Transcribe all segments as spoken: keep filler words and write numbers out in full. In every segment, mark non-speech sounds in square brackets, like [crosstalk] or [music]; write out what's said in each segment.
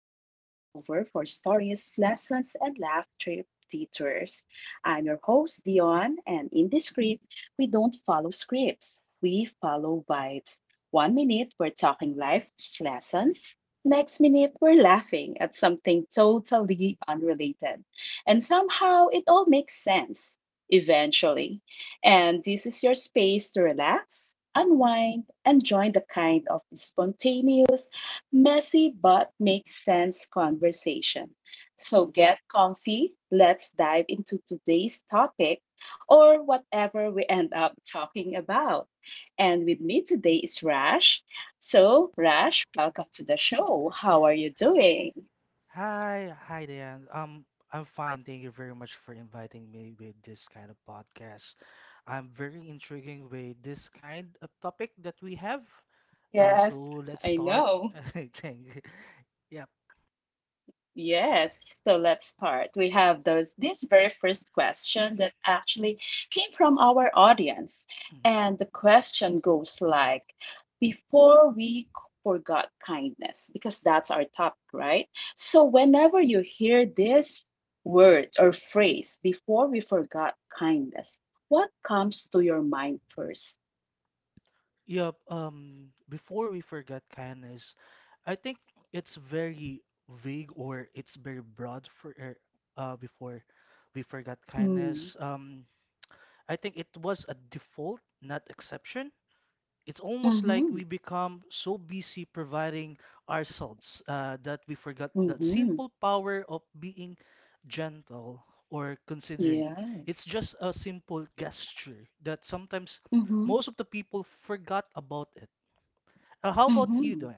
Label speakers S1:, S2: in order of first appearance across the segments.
S1: stories, lessons, and laugh trip detours. I'm your host, Dion, and in this script, we don't follow scripts, we follow vibes. One minute, we're talking life lessons. Next minute, we're laughing at something totally unrelated. And somehow, it all makes sense, eventually. And this is your space to relax, unwind, and join the kind of spontaneous, messy, but makes sense conversation. So get comfy. Let's dive into today's topic or whatever we end up talking about. And with me today is Rash. So, Rash, welcome to the show. How are you doing?
S2: Hi, hi Dan. Um, I'm fine. Thank you very much for inviting me with this kind of podcast. I'm very intriguing with this kind of topic that we have. Uh,
S1: Yes,
S2: so let's
S1: I
S2: start.
S1: know.
S2: [laughs] I think. Yep.
S1: Yes, so let's start. We have those, this very first question that actually came from our audience.
S2: Mhm.
S1: And the question goes like, before we c- forgot kindness, because that's our topic, right? So whenever you hear this word or phrase, before we forgot kindness, what comes to your mind first?
S2: Yep. Um, before we forget kindness, I think it's very vague or it's very broad for er, uh before we forgot
S1: Mm,
S2: kindness. Um, I think it was a default, not exception. It's almost like
S1: mm-hmm,
S2: we become so busy providing ourselves uh, that we forgot that
S1: mm-hmm,
S2: simple power of being gentle or considerate. It's
S1: yes,
S2: just a simple gesture that sometimes
S1: mm-hmm,
S2: most of the people forgot about it. Uh, how about you,
S1: mm-hmm.
S2: Doan?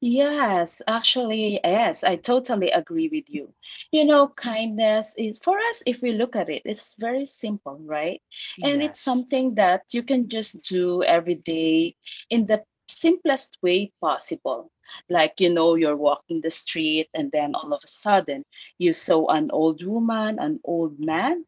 S1: Yes, actually, yes, I totally agree with you. You know, kindness is for us, if we look at it, it's very simple, right? And it's
S2: Yes.
S1: something that you can just do every day in the simplest way possible. Like, you know, you're walking the street and then all of a sudden you saw an old woman, an old
S2: Hmm.
S1: man,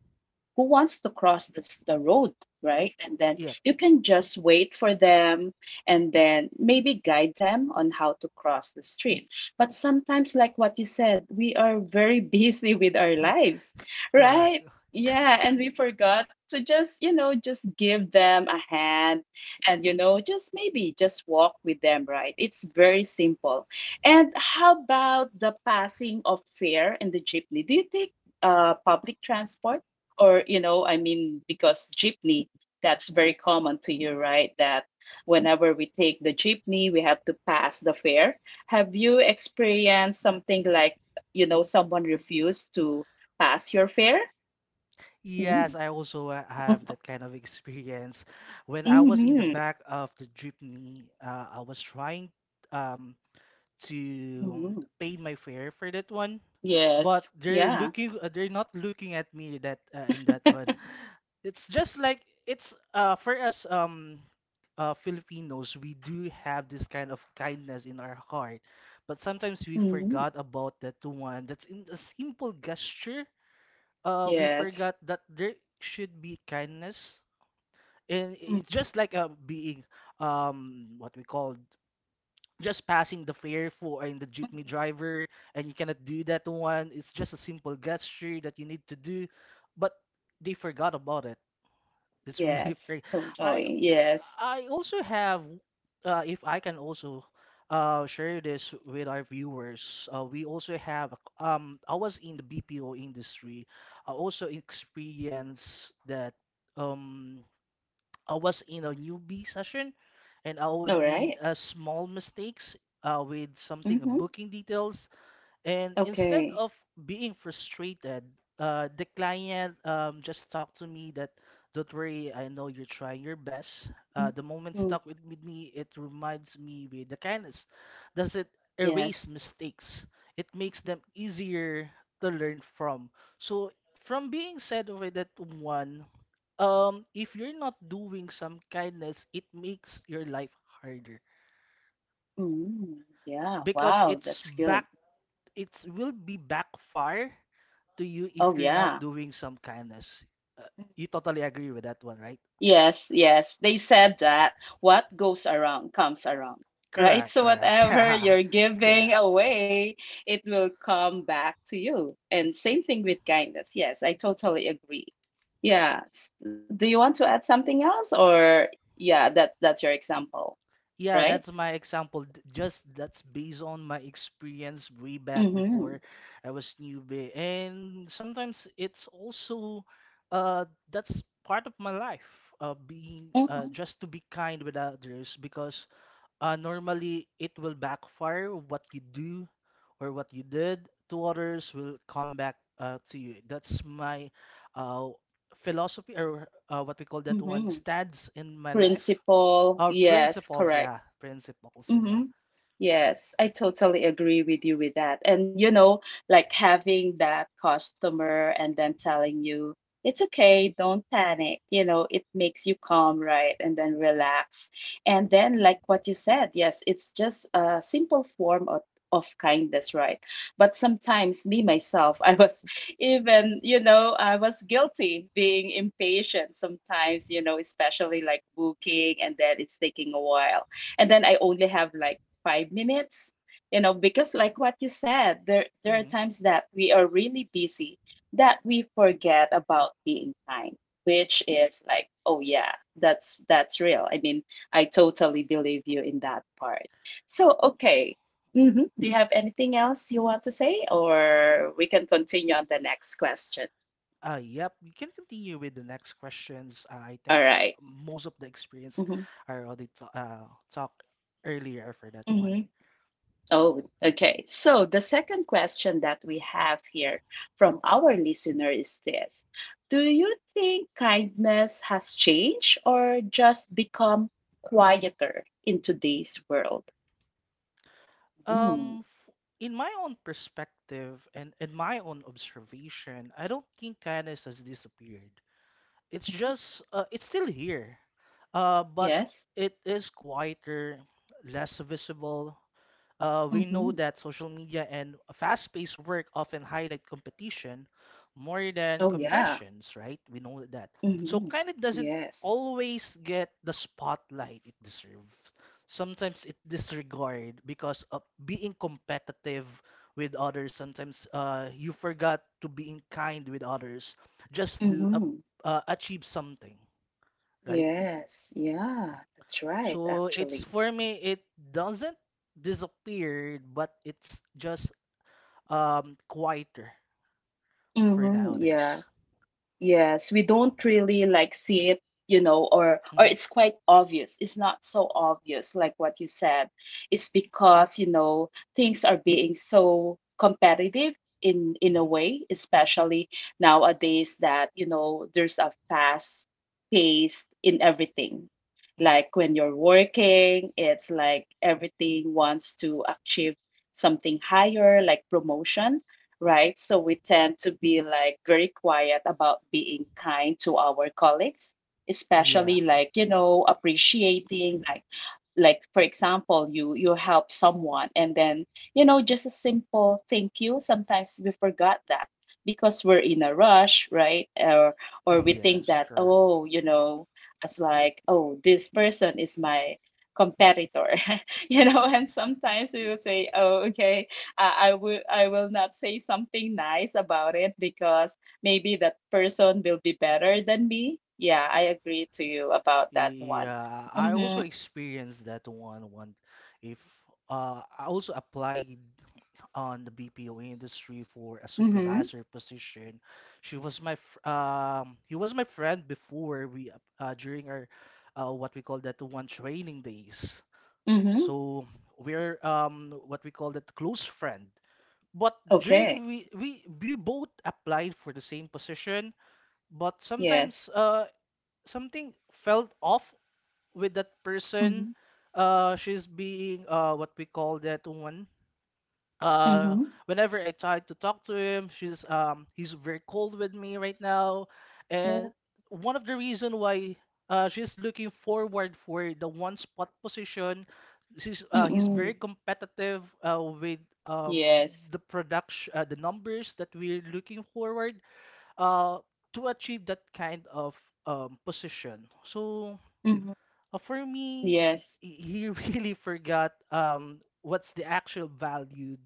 S1: who wants to cross this, the road, right? And then
S2: Yep,
S1: you can just wait for them and then maybe guide them on how to cross the street. But sometimes, like what you said, we are very [laughs] busy with our lives,
S2: correct.
S1: right?
S2: [laughs]
S1: Yeah, and we forgot to just, you know, just give them a hand and, you know, just maybe just walk with them, right? It's very simple. And how about the passing of fare in the jeepney? Do you take uh, public transport? Or, you know, I mean, because jeepney, that's very common to you, right? That whenever we take the jeepney, we have to pass the fare. Have you experienced something like, you know, someone refused to pass your fare? Mm.
S2: Yes, I also uh, have that
S1: [laughs]
S2: kind of [laughs] experience. When I was in the
S1: Hmm.
S2: back of the jeepney, uh, I was trying. Um, to um,
S1: Hmm,
S2: pay my fare for that one. But
S1: yes,
S2: they're
S1: yeah.
S2: looking, uh, they're not looking at me that uh, in that one. It's just like, it's uh for us um uh, Filipinos. We do have this kind of kindness in our heart, but sometimes we
S1: [laughs] Hmm,
S2: forgot about that one. That's in a simple gesture. Uh, we
S1: yes.
S2: forgot that there should be kindness, and it,
S1: Mhm.
S2: just like uh, being, um what we call, just passing the fare for and the jeepney driver. And you cannot do that one. It's just a simple gesture that you need to do, but they forgot about it. It's really [laughs]
S1: Yes,
S2: very. i
S1: totally, yes.
S2: i also have. Uh, if I can also uh, share this with our viewers, uh, we also have, a c- um I was in the BPO industry. I also experienced that. um I was in a newbie session, and I would
S1: All
S2: made
S1: right.
S2: uh, small mistakes uh, with something, uh,
S1: Mm-hmm.
S2: booking details. And instead
S1: Okay.
S2: of being frustrated, uh, the client um, just talked to me that, don't worry, I know you're trying your best. Uh, the moment
S1: Mhm.
S2: stuck with with me. It reminds me with the kindness. Does it erase
S1: Yes.
S2: mistakes? It makes them easier to learn from. So from being said over that one, um, if you're not doing some kindness, it makes your life harder
S1: Mm, yeah,
S2: because
S1: wow,
S2: it's
S1: that's good.
S2: back, it will be backfire to you
S1: Oh,
S2: if you're not
S1: yeah.
S2: doing some kindness. Uh, you totally agree with that one, right?
S1: Yes, yes, they said that what goes around comes around, right?
S2: Correct,
S1: So
S2: correct.
S1: whatever you're
S2: [laughs]
S1: giving
S2: Correct.
S1: away, it will come back to you. And same thing with kindness. Yes, I totally agree. Yeah. S- Do you want to add something else? Or yeah, that that's your example,
S2: Yeah,
S1: right?
S2: that's my example. D- Just that's based on my experience way back before
S1: Mm-hmm.
S2: I was newbie. And sometimes it's also uh that's part of my life, uh being, uh
S1: Mm-hmm.
S2: just to be kind with others because uh, normally it will backfire. What you do, or what you did to others will come back uh, to you. That's my uh, philosophy, or uh, what we call that one,
S1: Mm-hmm.
S2: stands in my life. Our
S1: Principle. Yes,
S2: principles,
S1: correct.
S2: yeah, principles in my.
S1: Mm-hmm. Yes, I totally agree with you with that. And you know, like having that customer and then telling you, it's okay, don't panic. You know, it makes you calm, right? And then relax. And then, like what you said, yes, it's just a simple form of, of kindness, right? But sometimes, me myself, I was [laughs] even, you know, I was guilty being impatient sometimes, you know, especially like booking and then it's taking a while, and then I only have like five minutes. You know, because like what you said, there there are
S2: Mhm.
S1: times that we are really busy, that we forget about being kind, which is like, oh yeah, that's that's real. I mean, I totally believe you in that part. So okay. Hmm, do you have anything else you want to say, or we can continue on the next question?
S2: Uh, yep, we can continue with the next questions. uh, I
S1: All
S2: think uh,
S1: right.
S2: most of the experience
S1: Mm-hmm.
S2: I already ta- uh, talked earlier for that
S1: Mm-hmm.
S2: one.
S1: Oh, okay. So the second question that we have here from our listener is this. Do you think kindness has changed or just become quieter in today's world? Mm.
S2: Um, f- in my own perspective and in my own observation, I don't think kindness has disappeared. It's
S1: Mhm.
S2: just uh, it's still here, uh, but
S1: Yes.
S2: it is quieter, less visible. Uh, we
S1: Hmm.
S2: know that social media and fast-paced work often highlight competition more
S1: Oh,
S2: than
S1: yeah.
S2: compassions, right? We know that. So
S1: Hmm.
S2: kind of doesn't
S1: Yes.
S2: always get the spotlight it deserves. Sometimes it disregard because of being competitive with others. Sometimes uh, you forgot to being kind with others just to, uh,
S1: Hmm.
S2: uh, achieve something, right?
S1: Yes. Yeah. That's right,
S2: So it's
S1: actually.
S2: for me, it doesn't disappeared, but it's just um quieter for
S1: Hmm. Yeah.
S2: nowadays.
S1: Yes, we don't really like see it, you know, or or
S2: Hmm.
S1: it's quite obvious. It's not so obvious like what you said. It's because, you know, things are being so competitive in in a
S2: Hmm.
S1: way, especially nowadays that, you know, there's a fast pace in everything.
S2: Hmm.
S1: Like when you're working, it's like everything wants to achieve something higher, like promotion, right? So we tend to be like very quiet about being kind to our colleagues,
S2: Yeah.
S1: especially like, you know, appreciating, like like for example, you you help someone, and then, you know, just a simple thank you, sometimes we forgot that because we're in a rush, right? or or we think
S2: Yes,
S1: that,
S2: correct.
S1: oh, you know, it's like, oh, this person is my competitor. [laughs] You know, and sometimes we will say, oh, okay, I, I will i will not say something nice about it, because maybe that person will be better than me. Yeah, I agree to you about that one.
S2: Yeah, I also
S1: Mm-hmm.
S2: experienced that one one. If uh I also applied on the B P O industry for a
S1: Mm-hmm.
S2: supervisor position. She was my fr- um he was my friend before, we ap- uh during our uh what we call that one, training days.
S1: Mhm.
S2: So we're, um what we call, that close friend. But
S1: Okay.
S2: during, we we we both applied for the same position, but sometimes
S1: Yes.
S2: uh something felt off with that person.
S1: Mhm.
S2: Uh, she's being, uh what we call that one, uh
S1: Mhm.
S2: whenever I tried to talk to him, she's um he's very cold with me right now. And
S1: Oh.
S2: one of the reason why uh she's looking forward for the one spot position, she's uh he's very
S1: Mm-mm.
S2: competitive uh with, um
S1: Yes.
S2: the production, uh, the numbers that we're looking forward uh to achieve that kind of um position. So
S1: Mhm.
S2: uh, for me,
S1: Yes.
S2: he he [laughs] really forgot, um what's the actual valued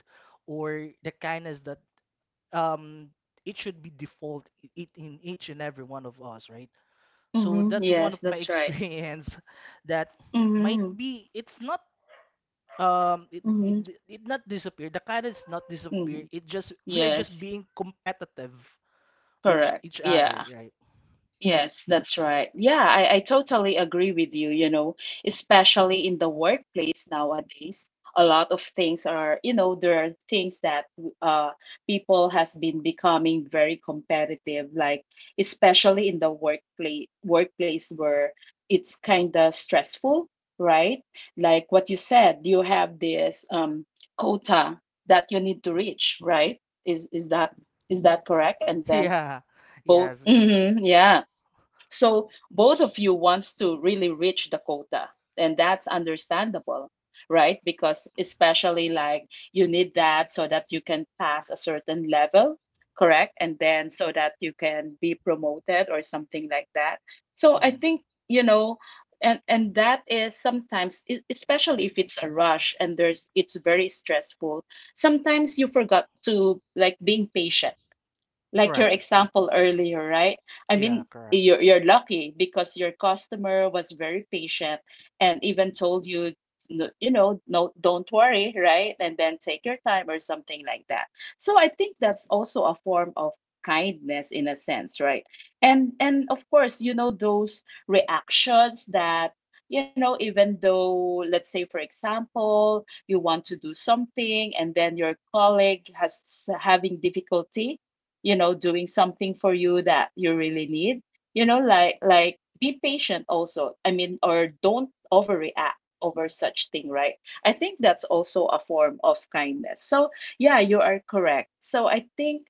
S2: or the kindness that, um it should be default, i- it in each and every one of us, right? So
S1: Mhm.
S2: that's one
S1: Yes,
S2: of my [laughs]
S1: that's right.
S2: experience that might
S1: Mhm.
S2: be it's not, um it it,
S1: Mhm.
S2: d- it not disappear. The kindness not disappear.
S1: Mhm.
S2: It just we are just
S1: Yes.
S2: being competitive with
S1: Correct.
S2: each other,
S1: Yeah.
S2: right? [laughs]
S1: Yes, that's right. Yeah, I, I totally agree with you, you know, especially in the workplace nowadays. A lot of things are, you know, there are things that uh people has been becoming very competitive, like especially in the workplace workplace where it's kind of stressful, right? Like what you said, you have this um quota that you need to reach, right? Is is that is that correct? And then
S2: Yeah.
S1: both, [laughs]
S2: Yes. Yeah.
S1: mhm, yeah. So both of you wants to really reach the quota, and that's understandable, right? Because especially like you need that so that you can pass a certain level, correct? And then so that you can be promoted or something like that. So I
S2: Mhm.
S1: think, you know, and and that is sometimes e- especially if it's a rush, and there's it's very stressful, sometimes you forgot to like being patient, like your
S2: Correct.
S1: example earlier, right? I
S2: Yeah,
S1: mean,
S2: correct.
S1: you're you're lucky because your customer was very patient and even told you, n- you know, no, don't worry, right? And then take your time or something like that. So I think that's also a form of kindness in a sense, right? And and of course, you know, those reactions that, you know, even though, let's say, for example, you want to do something, and then your colleague has having difficulty, you know, doing something for you that you really need, you know, like like be patient also. I mean, or don't overreact over such thing, right? I think that's also a form of kindness. So yeah, you are correct. So I think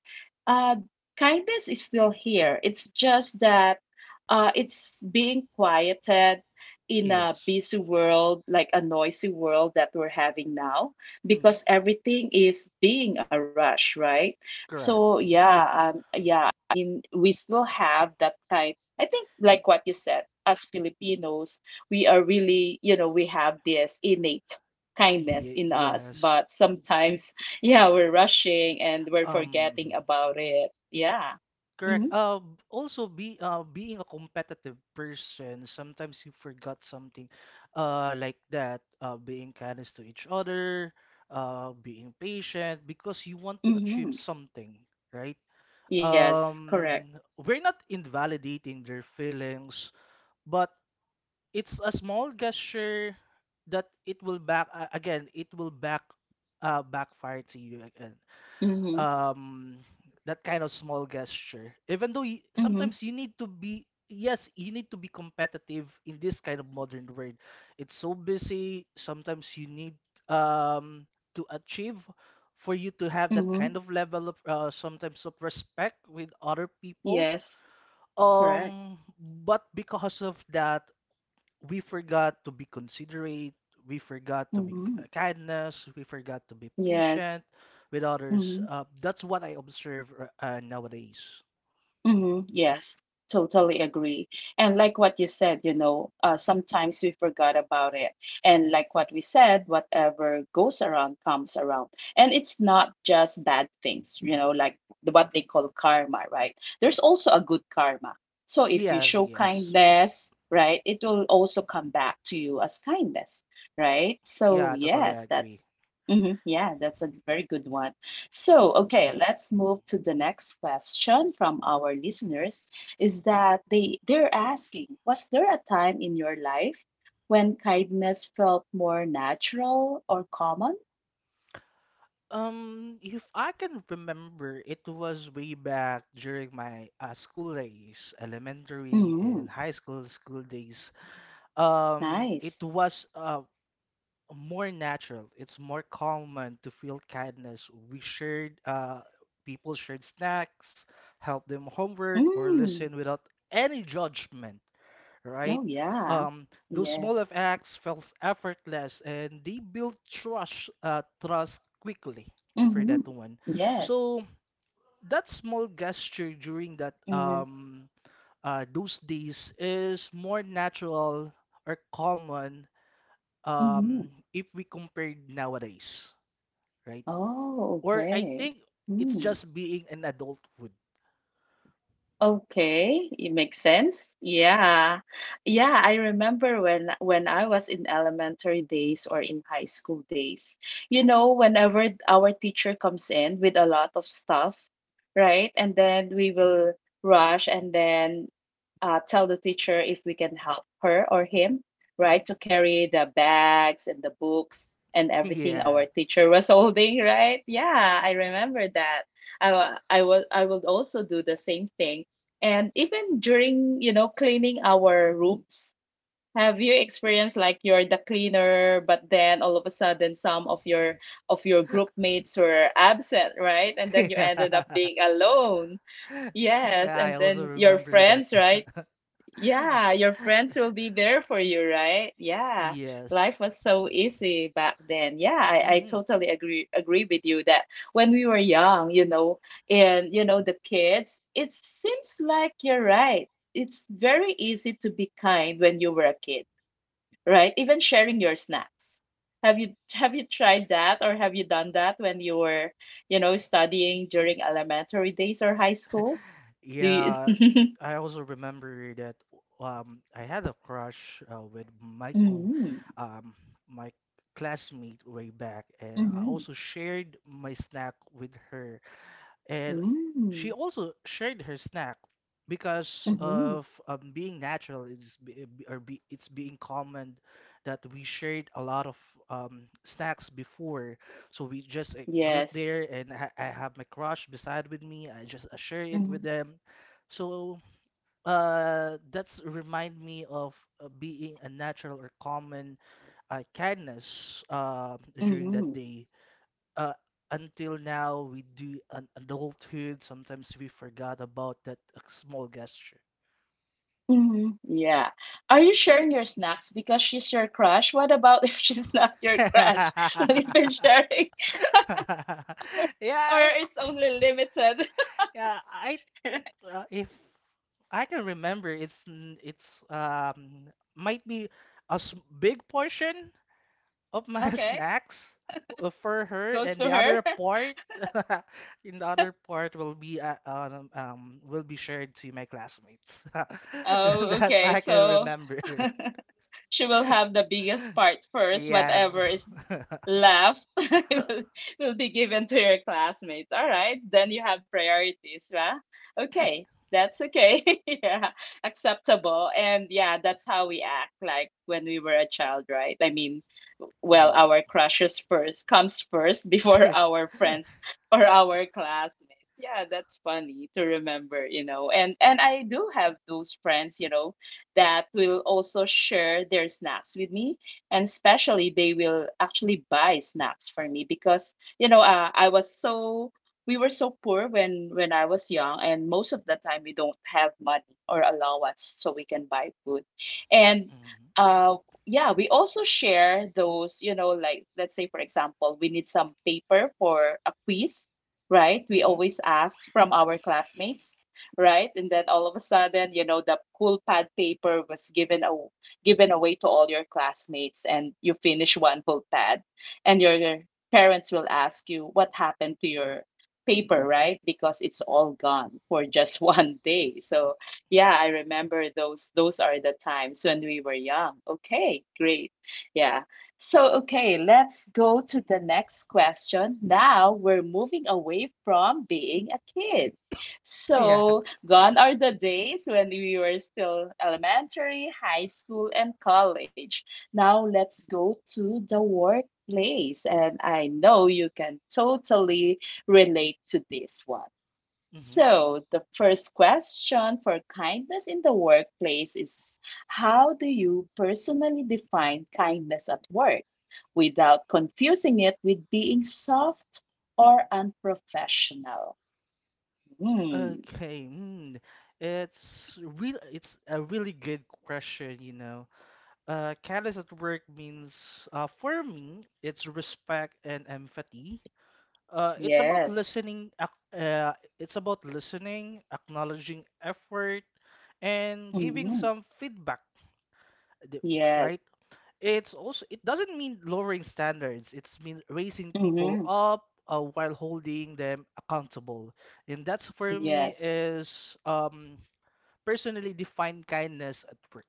S1: uh kindness is still here, it's just that uh it's being quieted in a
S2: Yes.
S1: busy world, like a noisy world that we're having now,
S2: Mm-hmm.
S1: because everything is being a rush, right? So
S2: Correct.
S1: yeah, um, yeah. I mean, we still have that kind. I think, like what you said, as Filipinos, we are really, you know, we have this innate kindness
S2: Ye-
S1: in us,
S2: yes.
S1: but sometimes, [laughs] yeah, we're rushing and we're
S2: Um,
S1: forgetting about it. Yeah.
S2: Correct.
S1: Mm-hmm.
S2: Uh, b- also be uh being a competitive person, sometimes you forgot something, uh, like that. Uh, being kindness to each other, uh, being patient because you want to achieve
S1: Mm-hmm.
S2: something, right?
S1: Yes, correct.
S2: Um, we're not invalidating their feelings, but it's a small gesture that it will back, uh, again. It will back, uh backfire to you again.
S1: Mm-hmm.
S2: um that kind of small gesture, even though, y
S1: Mm-hmm.
S2: sometimes you need to be, yes, you need to be competitive in this kind of modern world. It's so busy, sometimes you need, um to achieve, for you to have that
S1: Mm-hmm.
S2: kind of level of, uh, sometimes, of respect with other people.
S1: Yes, correct.
S2: um but because of that, we forgot to be considerate, we forgot to be k-
S1: Mm-hmm.
S2: kindness, we forgot to be patient
S1: Yes.
S2: with others.
S1: Mm-hmm.
S2: Uh, that's what I observe, r- uh, nowadays.
S1: Hmm, yes, totally agree. And like what you said, you know, uh, sometimes we forgot about it. And like what we said, whatever goes around comes around. And it's not just bad things, you know, like the- what they call karma, right? There's also a good karma. So if you
S2: Yes,
S1: show
S2: yes.
S1: kindness,
S2: Mhm.
S1: right, it will also come back to you as kindness, right? So
S2: Yeah, totally
S1: yes, that's,
S2: agree.
S1: hmm, yeah, that's a very good one. So, okay, let's move to the next question from our listeners, is that they they're asking, was there a time in your life when kindness felt more natural or common?
S2: Um, if I can remember, it was way back during my uh, school days, elementary
S1: Mm,
S2: and high school school days. Um,
S1: nice.
S2: it was uh, more natural. It's more common to feel kindness. We shared, uh, people shared snacks, helped them homework, or
S1: Mm,
S2: listen without any judgment,
S1: oh
S2: right?
S1: yeah.
S2: Um, those small
S1: Yes.
S2: of acts felt effortless, and they built trust, uh, trust quickly for
S1: Mm-hmm.
S2: that one.
S1: Yes.
S2: So that small gesture during that,
S1: Mm-hmm.
S2: um, uh, those days is more natural or common,
S1: Mm-hmm.
S2: um if we compared nowadays, right?
S1: Oh,
S2: Or I
S1: okay.
S2: think it's
S1: Mm-hmm.
S2: just being an adulthood.
S1: Okay, it makes sense. Yeah. Yeah, I remember when when I was in elementary days or in high school days. You know, whenever our teacher comes in with a lot of stuff, right? And then we will rush and then uh, tell the teacher if we can help her or him, right, to carry the bags and the books and
S2: [laughs]
S1: everything
S2: Yeah.
S1: our teacher was [laughs] holding, right? Yeah, I remember that. I wa- I will I will also do the same thing. And even during, you know, cleaning our rooms, have you experienced like you're the cleaner, but then all of a sudden some of your of your group mates were absent, right?
S2: [laughs]
S1: And then you ended up
S2: Yeah.
S1: being alone. Yes,
S2: Yeah,
S1: and
S2: I
S1: then
S2: also
S1: your
S2: remember
S1: friends,
S2: that.
S1: right?
S2: [laughs]
S1: Yeah, your friends will be there for you, right? Yeah.
S2: Yes.
S1: Life was so easy back then. Yeah, I, I
S2: Hmm.
S1: totally agree agree with you, that when we were young, you know, and you know the kids, it seems like you're right. It's very easy to be kind when you were a kid, right? Even sharing your snacks. Have you have you tried that, or have you done that when you were, you know, studying during elementary days or high school? Do you?
S2: Yeah,
S1: [laughs]
S2: I also remember that. um I had a crush uh, with my, co
S1: Mm-hmm.
S2: um my classmate way back, and I also shared my snack with her. And she
S1: Mm.
S2: also shared her snack because
S1: Mhm.
S2: of, um, being natural. It's be, be- or be, it's being common that we shared a lot of, um, snacks before. So we just a group
S1: Yes.
S2: there, and I, I have my crush beside with me. I just uh, share it with
S1: Mhm.
S2: them. So uh, that's remind me of uh, being a natural or common uh, kindness uh, during that
S1: Mhm.
S2: day, uh, until now we do an adulthood. Sometimes we forgot about that uh, small gesture.
S1: Mhm. Yeah. Are you sharing your snacks because she's your crush? What about [laughs] if she's not your
S2: [laughs]
S1: crush? [laughs] Will you
S2: Yeah.
S1: be sharing? [laughs] Or
S2: I,
S1: it's only limited?
S2: yeah i
S1: [laughs]
S2: uh, if I can remember, it's n- it's um might be, a s- big portion of my [laughs]
S1: Okay.
S2: snacks uh, for her,
S1: Goes
S2: and
S1: to
S2: the
S1: her.
S2: other
S1: [laughs]
S2: part, [laughs] in the other part will be uh, um, um will be shared to my classmates. [laughs]
S1: Oh,
S2: That's
S1: okay.
S2: I can
S1: So
S2: remember. [laughs]
S1: [laughs] she will have the biggest part first.
S2: Yes.
S1: Whatever is
S2: [laughs]
S1: left [laughs] will will be given to your classmates. All right, then you have priorities, yeah? Okay, that's okay. [laughs] Yeah, acceptable. And yeah, that's how we act like when we were a child, right? I mean, well,
S2: Yep.
S1: our crushes first comes first before [laughs]
S2: [laughs] Mhm.
S1: our friends or our classmates. Yeah, that's funny to remember, you know. And and I do have those friends, you know, that will also share their snacks with me, and especially they will actually buy snacks for me because you know uh, i was so, we were so poor when when I was young, and most of the time we don't have money or allowance so we can buy food. And uh yeah, we also share those, you know. Like, let's say, for example, we need some paper for a quiz, right? We
S2: Mhm.
S1: always ask from our classmates, right? And then all of a sudden, you know, the cool pad paper was given a, given away to all your classmates, and you finish one full pad, and your, your parents will ask you what happened to your paper, right? Because it's all gone for just [laughs] one day. So yeah, I remember those. Those are the times when we were young. Okay, great. Yeah. So, okay, let's go to the next question. Now we're moving away from being a kid.
S2: [laughs] Yeah.
S1: So, gone are the days when we were still elementary, high school, and college. Now let's go to the workplace. And I know you can totally relate to this one.
S2: Mhm.
S1: So, the first question for kindness in the workplace is: how do you personally define kindness at work without confusing it with being soft or unprofessional? Hmm,
S2: Okay. Mm. It's real. It's a really good question, you know. Uh, kindness at work means, uh, for me, it's respect and empathy. Uh, it's about
S1: yes.
S2: listening. Ac- Uh, it's about listening, acknowledging effort, and giving
S1: Mhm.
S2: some feedback. the-
S1: Yes.
S2: Right? It's also, it doesn't mean lowering standards. It's mean raising people
S1: Mhm.
S2: up, uh, while holding them accountable. And that's for me
S1: Yes.
S2: is, um, personally defined kindness at work,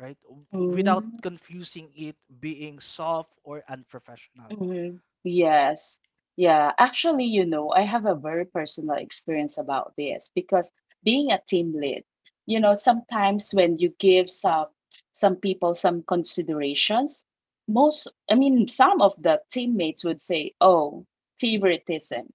S2: right? W- Without
S1: Mm.
S2: confusing it being soft or unprofessional.
S1: Mhm. Yes. Yeah. Actually, you know, I have a very personal experience about this because, being a team lead, you know, sometimes when you give some some people some considerations, most, I mean, some of the teammates would say, "Oh, favoritism,"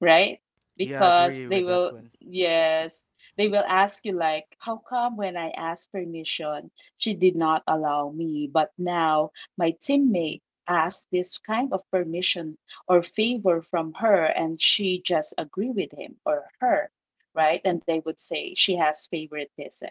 S1: right?
S2: Yeah, I
S1: Because
S2: agree
S1: they
S2: with that
S1: will,
S2: one.
S1: yes, they will ask you like, "How come when I asked permission, she did not allow me, but now my teammate asked this kind of permission or favor from her and she just agree with him or her?" Right, and they would say she has favoritism,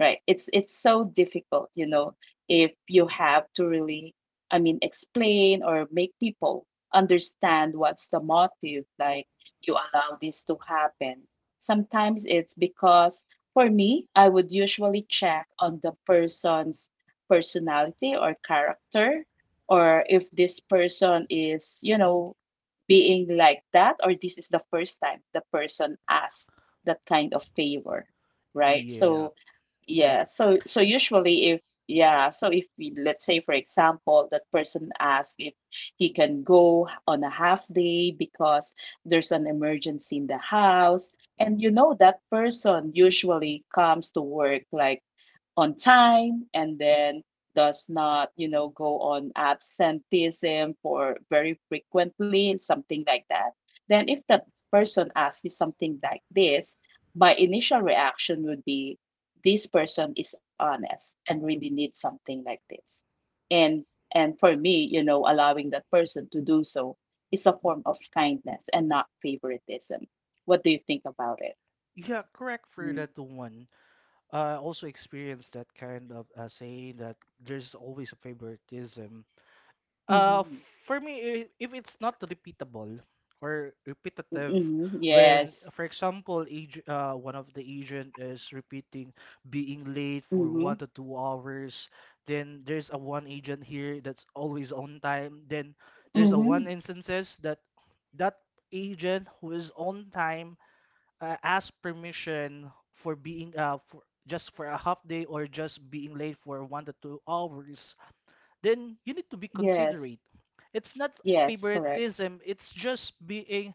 S1: right? It's it's so difficult, you know, if you have to really, I mean, explain or make people understand what's the motive. Like, you allow this to happen sometimes it's because, for me, I would usually check on the person's personality or character, or if this person is, you know, being like that, or this is the first time the person asked that kind of favor, right?
S2: Yeah.
S1: So yeah, so so usually if yeah, so if we, let's say for example, that person asks if he can go on a half day because there's an emergency in the house, and you know that person usually comes to work like on time, and then does not, you know, go on absenteeism for very frequently, something like that, then if the person asks you something like this, my initial reaction would be this person is honest and really needs something like this. And and for me, you know, allowing that person to do so is a form of kindness and not favoritism. What do you think about it?
S2: Yeah, correct for
S1: Mm-hmm.
S2: that one. I also experienced that kind of uh, saying that there's always a favoritism. Uh, for me, i- if it's not repeatable or repetitive,
S1: Mm-hmm.
S2: when,
S1: Yes.
S2: for example, ag- uh, one of the agent is repeating being late for
S1: Mm-hmm.
S2: one to two hours, then there's a one agent here that's always on time. Then there's a one
S1: Mm-hmm.
S2: instances that that agent who is on time, uh, ask permission for being, uh for just for a half day, or just being late for one to two hours, then you need to be
S1: Yes.
S2: considerate. It's not
S1: Yes, correct.
S2: favoritism. It's just being,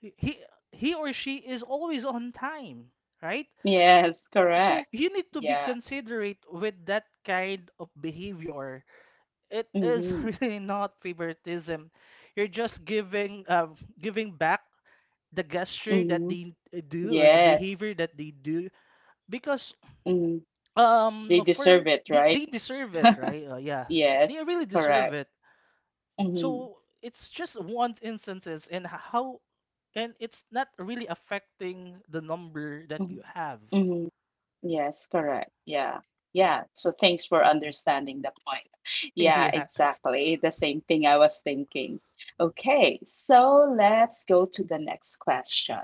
S2: he he or she is always on time, right?
S1: Yes, correct.
S2: So you need to be
S1: Yeah.
S2: considerate with that kind of behavior. It is
S1: Mm-hmm.
S2: [laughs] really not favoritism. You're just giving, um, giving back the gesture that
S1: Mm-hmm.
S2: they uh, do, or the
S1: Yes.
S2: behavior that they do because,
S1: Mm-hmm. They
S2: um for
S1: deserve
S2: m-
S1: it,
S2: they,
S1: right?
S2: they deserve it, right? Uh, yes, they
S1: Yes,
S2: really deserve
S1: correct.
S2: it.
S1: Mm-hmm.
S2: So it's just one instances, and h- how. And it's not really affecting the number that you
S1: Mm-hmm.
S2: have.
S1: Mm-hmm. Yes, correct. Yeah. Yeah. So thanks for understanding the point. [laughs]
S2: [laughs]
S1: Yeah,
S2: Yes.
S1: exactly. The same thing I was thinking. Okay, so let's go to the next question.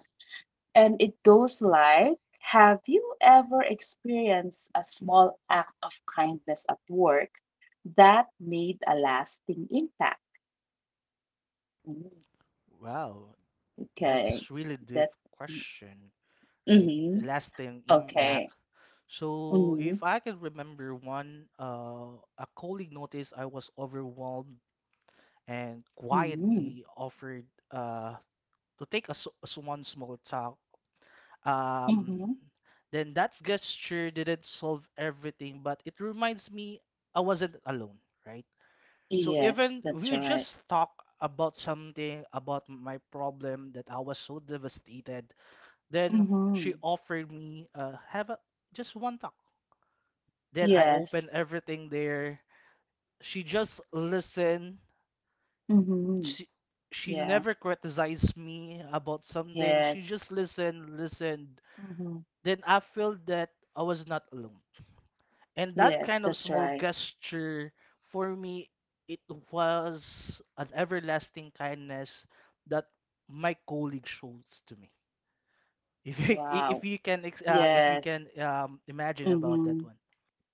S1: And it goes like: have you ever experienced a small act of kindness at work that made a lasting impact? Mm,
S2: Wow,
S1: okay.
S2: that's really deep
S1: That,
S2: question, right?
S1: mm-hmm.
S2: Lasting impact.
S1: Okay.
S2: So
S1: Mm-hmm.
S2: if I can remember one, uh a colleague noticed I was overwhelmed and
S1: Mm-hmm.
S2: quietly offered uh to take a, s- a s- one small talk. Um,
S1: Mm-hmm.
S2: then that gesture didn't solve everything, but it reminds me I wasn't alone, right? So
S1: Yes,
S2: even
S1: that's
S2: we
S1: right.
S2: just talk about something about my problem that I was so devastated, then she
S1: Mm-hmm.
S2: offered me, uh, have, a, just one talk. Then I opened
S1: Yes.
S2: everything there. She just listened.
S1: Mm-hmm.
S2: She, she
S1: Yeah.
S2: never criticized me about something. She
S1: Yes.
S2: just listened, listened,
S1: Mm-hmm.
S2: then I feel that I was not alone. And that kind
S1: Yes,
S2: of
S1: that's
S2: small
S1: right.
S2: gesture for me, it was an everlasting kindness that my colleague shows to me. [laughs] If you if
S1: Wow.
S2: you can ex- uh, if you
S1: Yes.
S2: can um, imagine about that
S1: Mm-hmm.
S2: one.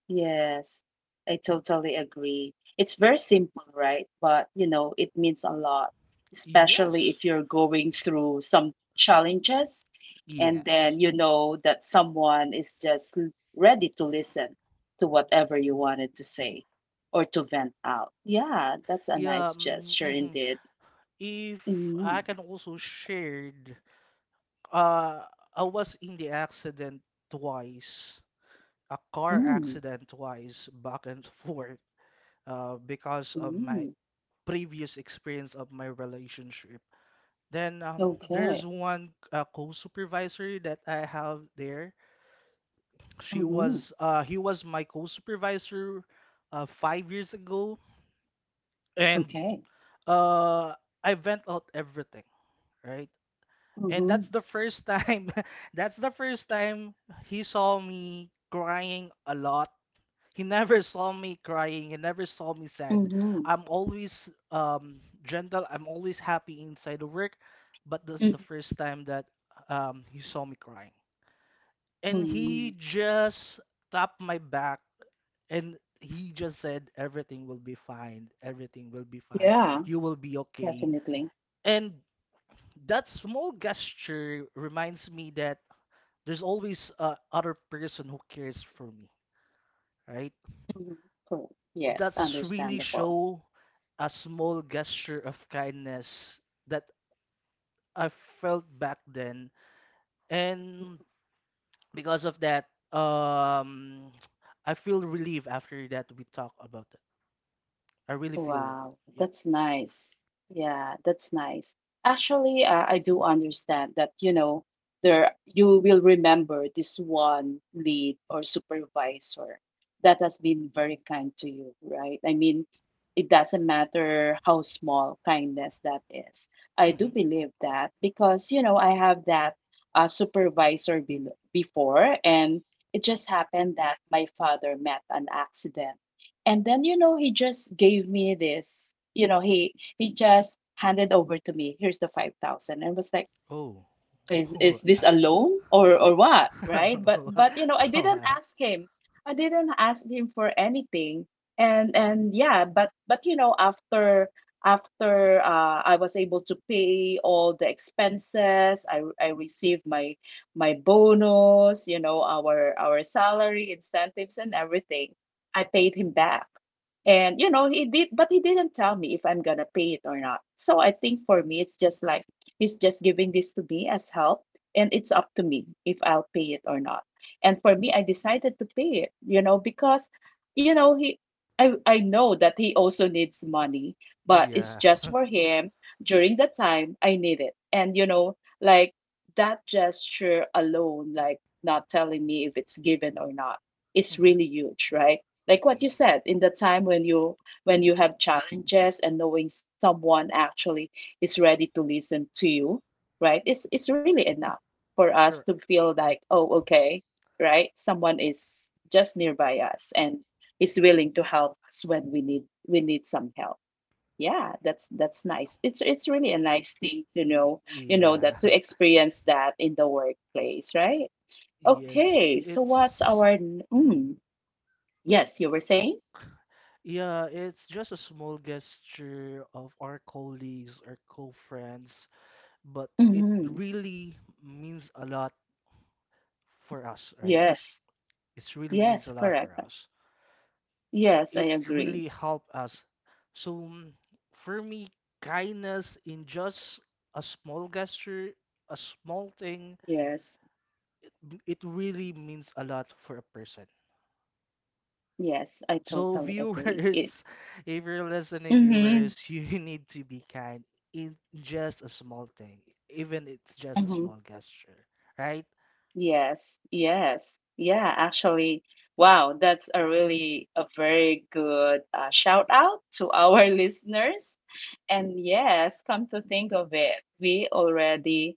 S1: Yes, I totally agree. It's very simple, right? But you know, it means a lot, especially
S2: Yes.
S1: if you're going through some challenges, and
S2: Yes.
S1: then you know that someone is just l- ready to listen to whatever you wanted to say or to vent out. Yeah, that's a
S2: Yeah.
S1: nice
S2: Mm,
S1: gesture
S2: mm-hmm.
S1: indeed.
S2: If
S1: Mm,
S2: I can also share, uh, I was in the accident twice, a car
S1: mm,
S2: accident twice, back and [laughs] forth. Uh, because of my
S1: mm.
S2: previous experience of my relationship. Then, um, there's
S1: Okay.
S2: one uh, co-supervisor that I have there. She
S1: Mm-hmm.
S2: was uh, he was my co-supervisor uh, five years ago, and
S1: Okay.
S2: uh, I vent out everything, right? And
S1: Mm-hmm.
S2: that's the first time, [laughs] that's the first time he saw me crying a lot. He never saw me crying. He never saw me sad.
S1: Mm-hmm.
S2: I'm always, um, gentle. I'm always happy inside the work. But that's the
S1: Mm-hmm.
S2: first time that, um, he saw me crying. And
S1: Mm-hmm.
S2: he just tapped my back, and he just said, everything will be fine. Everything will be fine.
S1: Yeah,
S2: You will be okay.
S1: definitely.
S2: And that small gesture reminds me that there's always a other person who cares for me, right?
S1: Mhm. Correct. Yes,
S2: That's really
S1: understandable.
S2: show a small gesture of kindness that I felt back then. And because of that, um, [tsk] I feel relieved after that we talk about it. I really feel, the rel-
S1: Wow,
S2: yep.
S1: that's nice. Yeah, that's nice. Actually, uh, I do understand that, you know, there you will remember this one lead or supervisor that has been very kind to you, right? I mean, it doesn't matter how small kindness that is. I
S2: Hmm.
S1: do believe that because, you know, I have that uh, supervisor be before, and it just happened that my father met an accident, and then, you know, he just gave me this, you know, he he just handed over to me, here's the five thousand, and was like,
S2: Oh.
S1: is is this a
S2: [laughs]
S1: loan or or what, right? But but you know, I didn't
S2: Wow.
S1: ask him, I didn't ask him for anything. And and yeah, but but you know, after after uh, I was able to pay all the expenses, i i received my my bonus, you know, our our salary incentives and everything. I paid him back. And you know, he did but he didn't tell me if I'm gonna pay it or not, so I think for me it's just like, he's just giving this to me as help, and it's up to me if I'll pay it or not. And for me, I decided to pay it, you know, because, you know, he I I know that he also needs money, but
S2: Yeah.
S1: it's
S2: [laughs]
S1: just for him during the time I need it. And you know, like that gesture alone, like not telling me if it's given or not, is
S2: Hmm.
S1: really huge, right? Like what you said, in the time when you, when you have challenges and knowing someone actually is ready to listen to you, right? It's it's really enough for us
S2: Correct.
S1: to feel like, oh, okay, right? Someone is just nearby us and is willing to help us when we need we need some help. Yeah, that's that's nice. It's it's really a nice thing to know, you know,
S2: Yeah.
S1: that to
S2: [laughs]
S1: experience that in the workplace, right?
S2: Yes,
S1: Okay, so what's
S2: it's.
S1: our n-
S2: Mm-hmm.
S1: mm, yes, you were saying?
S2: Yeah, it's just a small gesture of our colleagues, our co-friends, but it
S1: Hmm.
S2: really means a lot for us, right?
S1: Yes,
S2: It really means
S1: yes,
S2: a lot
S1: correct.
S2: for us. So
S1: Yes, I
S2: it
S1: agree.
S2: really helped us. So, mm, for me, kindness in just a small gesture, a small thing,
S1: Yes.
S2: m- it really means a lot for a person.
S1: Yes, I
S2: So,
S1: totally agree. It,
S2: viewers, [laughs] if you're listening,
S1: hmm,
S2: viewers, you [laughs] need to be kind in just a small thing, even it's just a
S1: hmm.
S2: small gesture, right?
S1: Yes, yes. Yeah, actually, wow, that's a really a very good uh, shout out to our [laughs] listeners. And yes, come to think of it, we already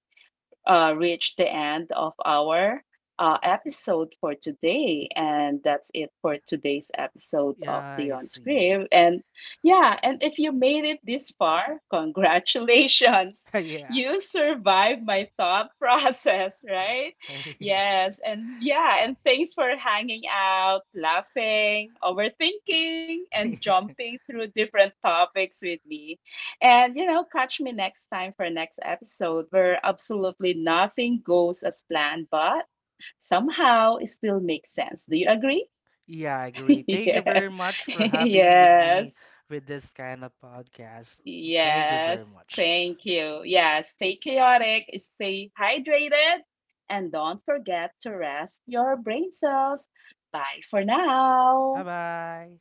S1: uh, reached the end of our uh, episode for today. And that's it for today's episode
S2: Yeah,
S1: of The
S2: I
S1: On
S2: see.
S1: Script.
S2: [laughs]
S1: And yeah, and if you made it this far, [laughs] congratulations.
S2: Yeah.
S1: You survived my thought [laughs] process, right?
S2: [laughs] Yes.
S1: Yes. And yeah, and thanks for hanging out, laughing, overthinking, and
S2: [laughs]
S1: jumping through different topics with me. And, you know, catch me next time for next episode where absolutely nothing goes as planned, but somehow it still makes sense. Do you agree?
S2: Yeah, I
S1: [laughs]
S2: agree. Thank you
S1: Yeah.
S2: very much
S1: [laughs]
S2: for having with me
S1: Yes.
S2: with this kind of podcast. Thank you very
S1: Yes.
S2: much.
S1: Thank you. Yeah. Stay chaotic, stay hydrated, and don't forget to rest your brain cells. Bye for
S2: Bye
S1: now.
S2: bye.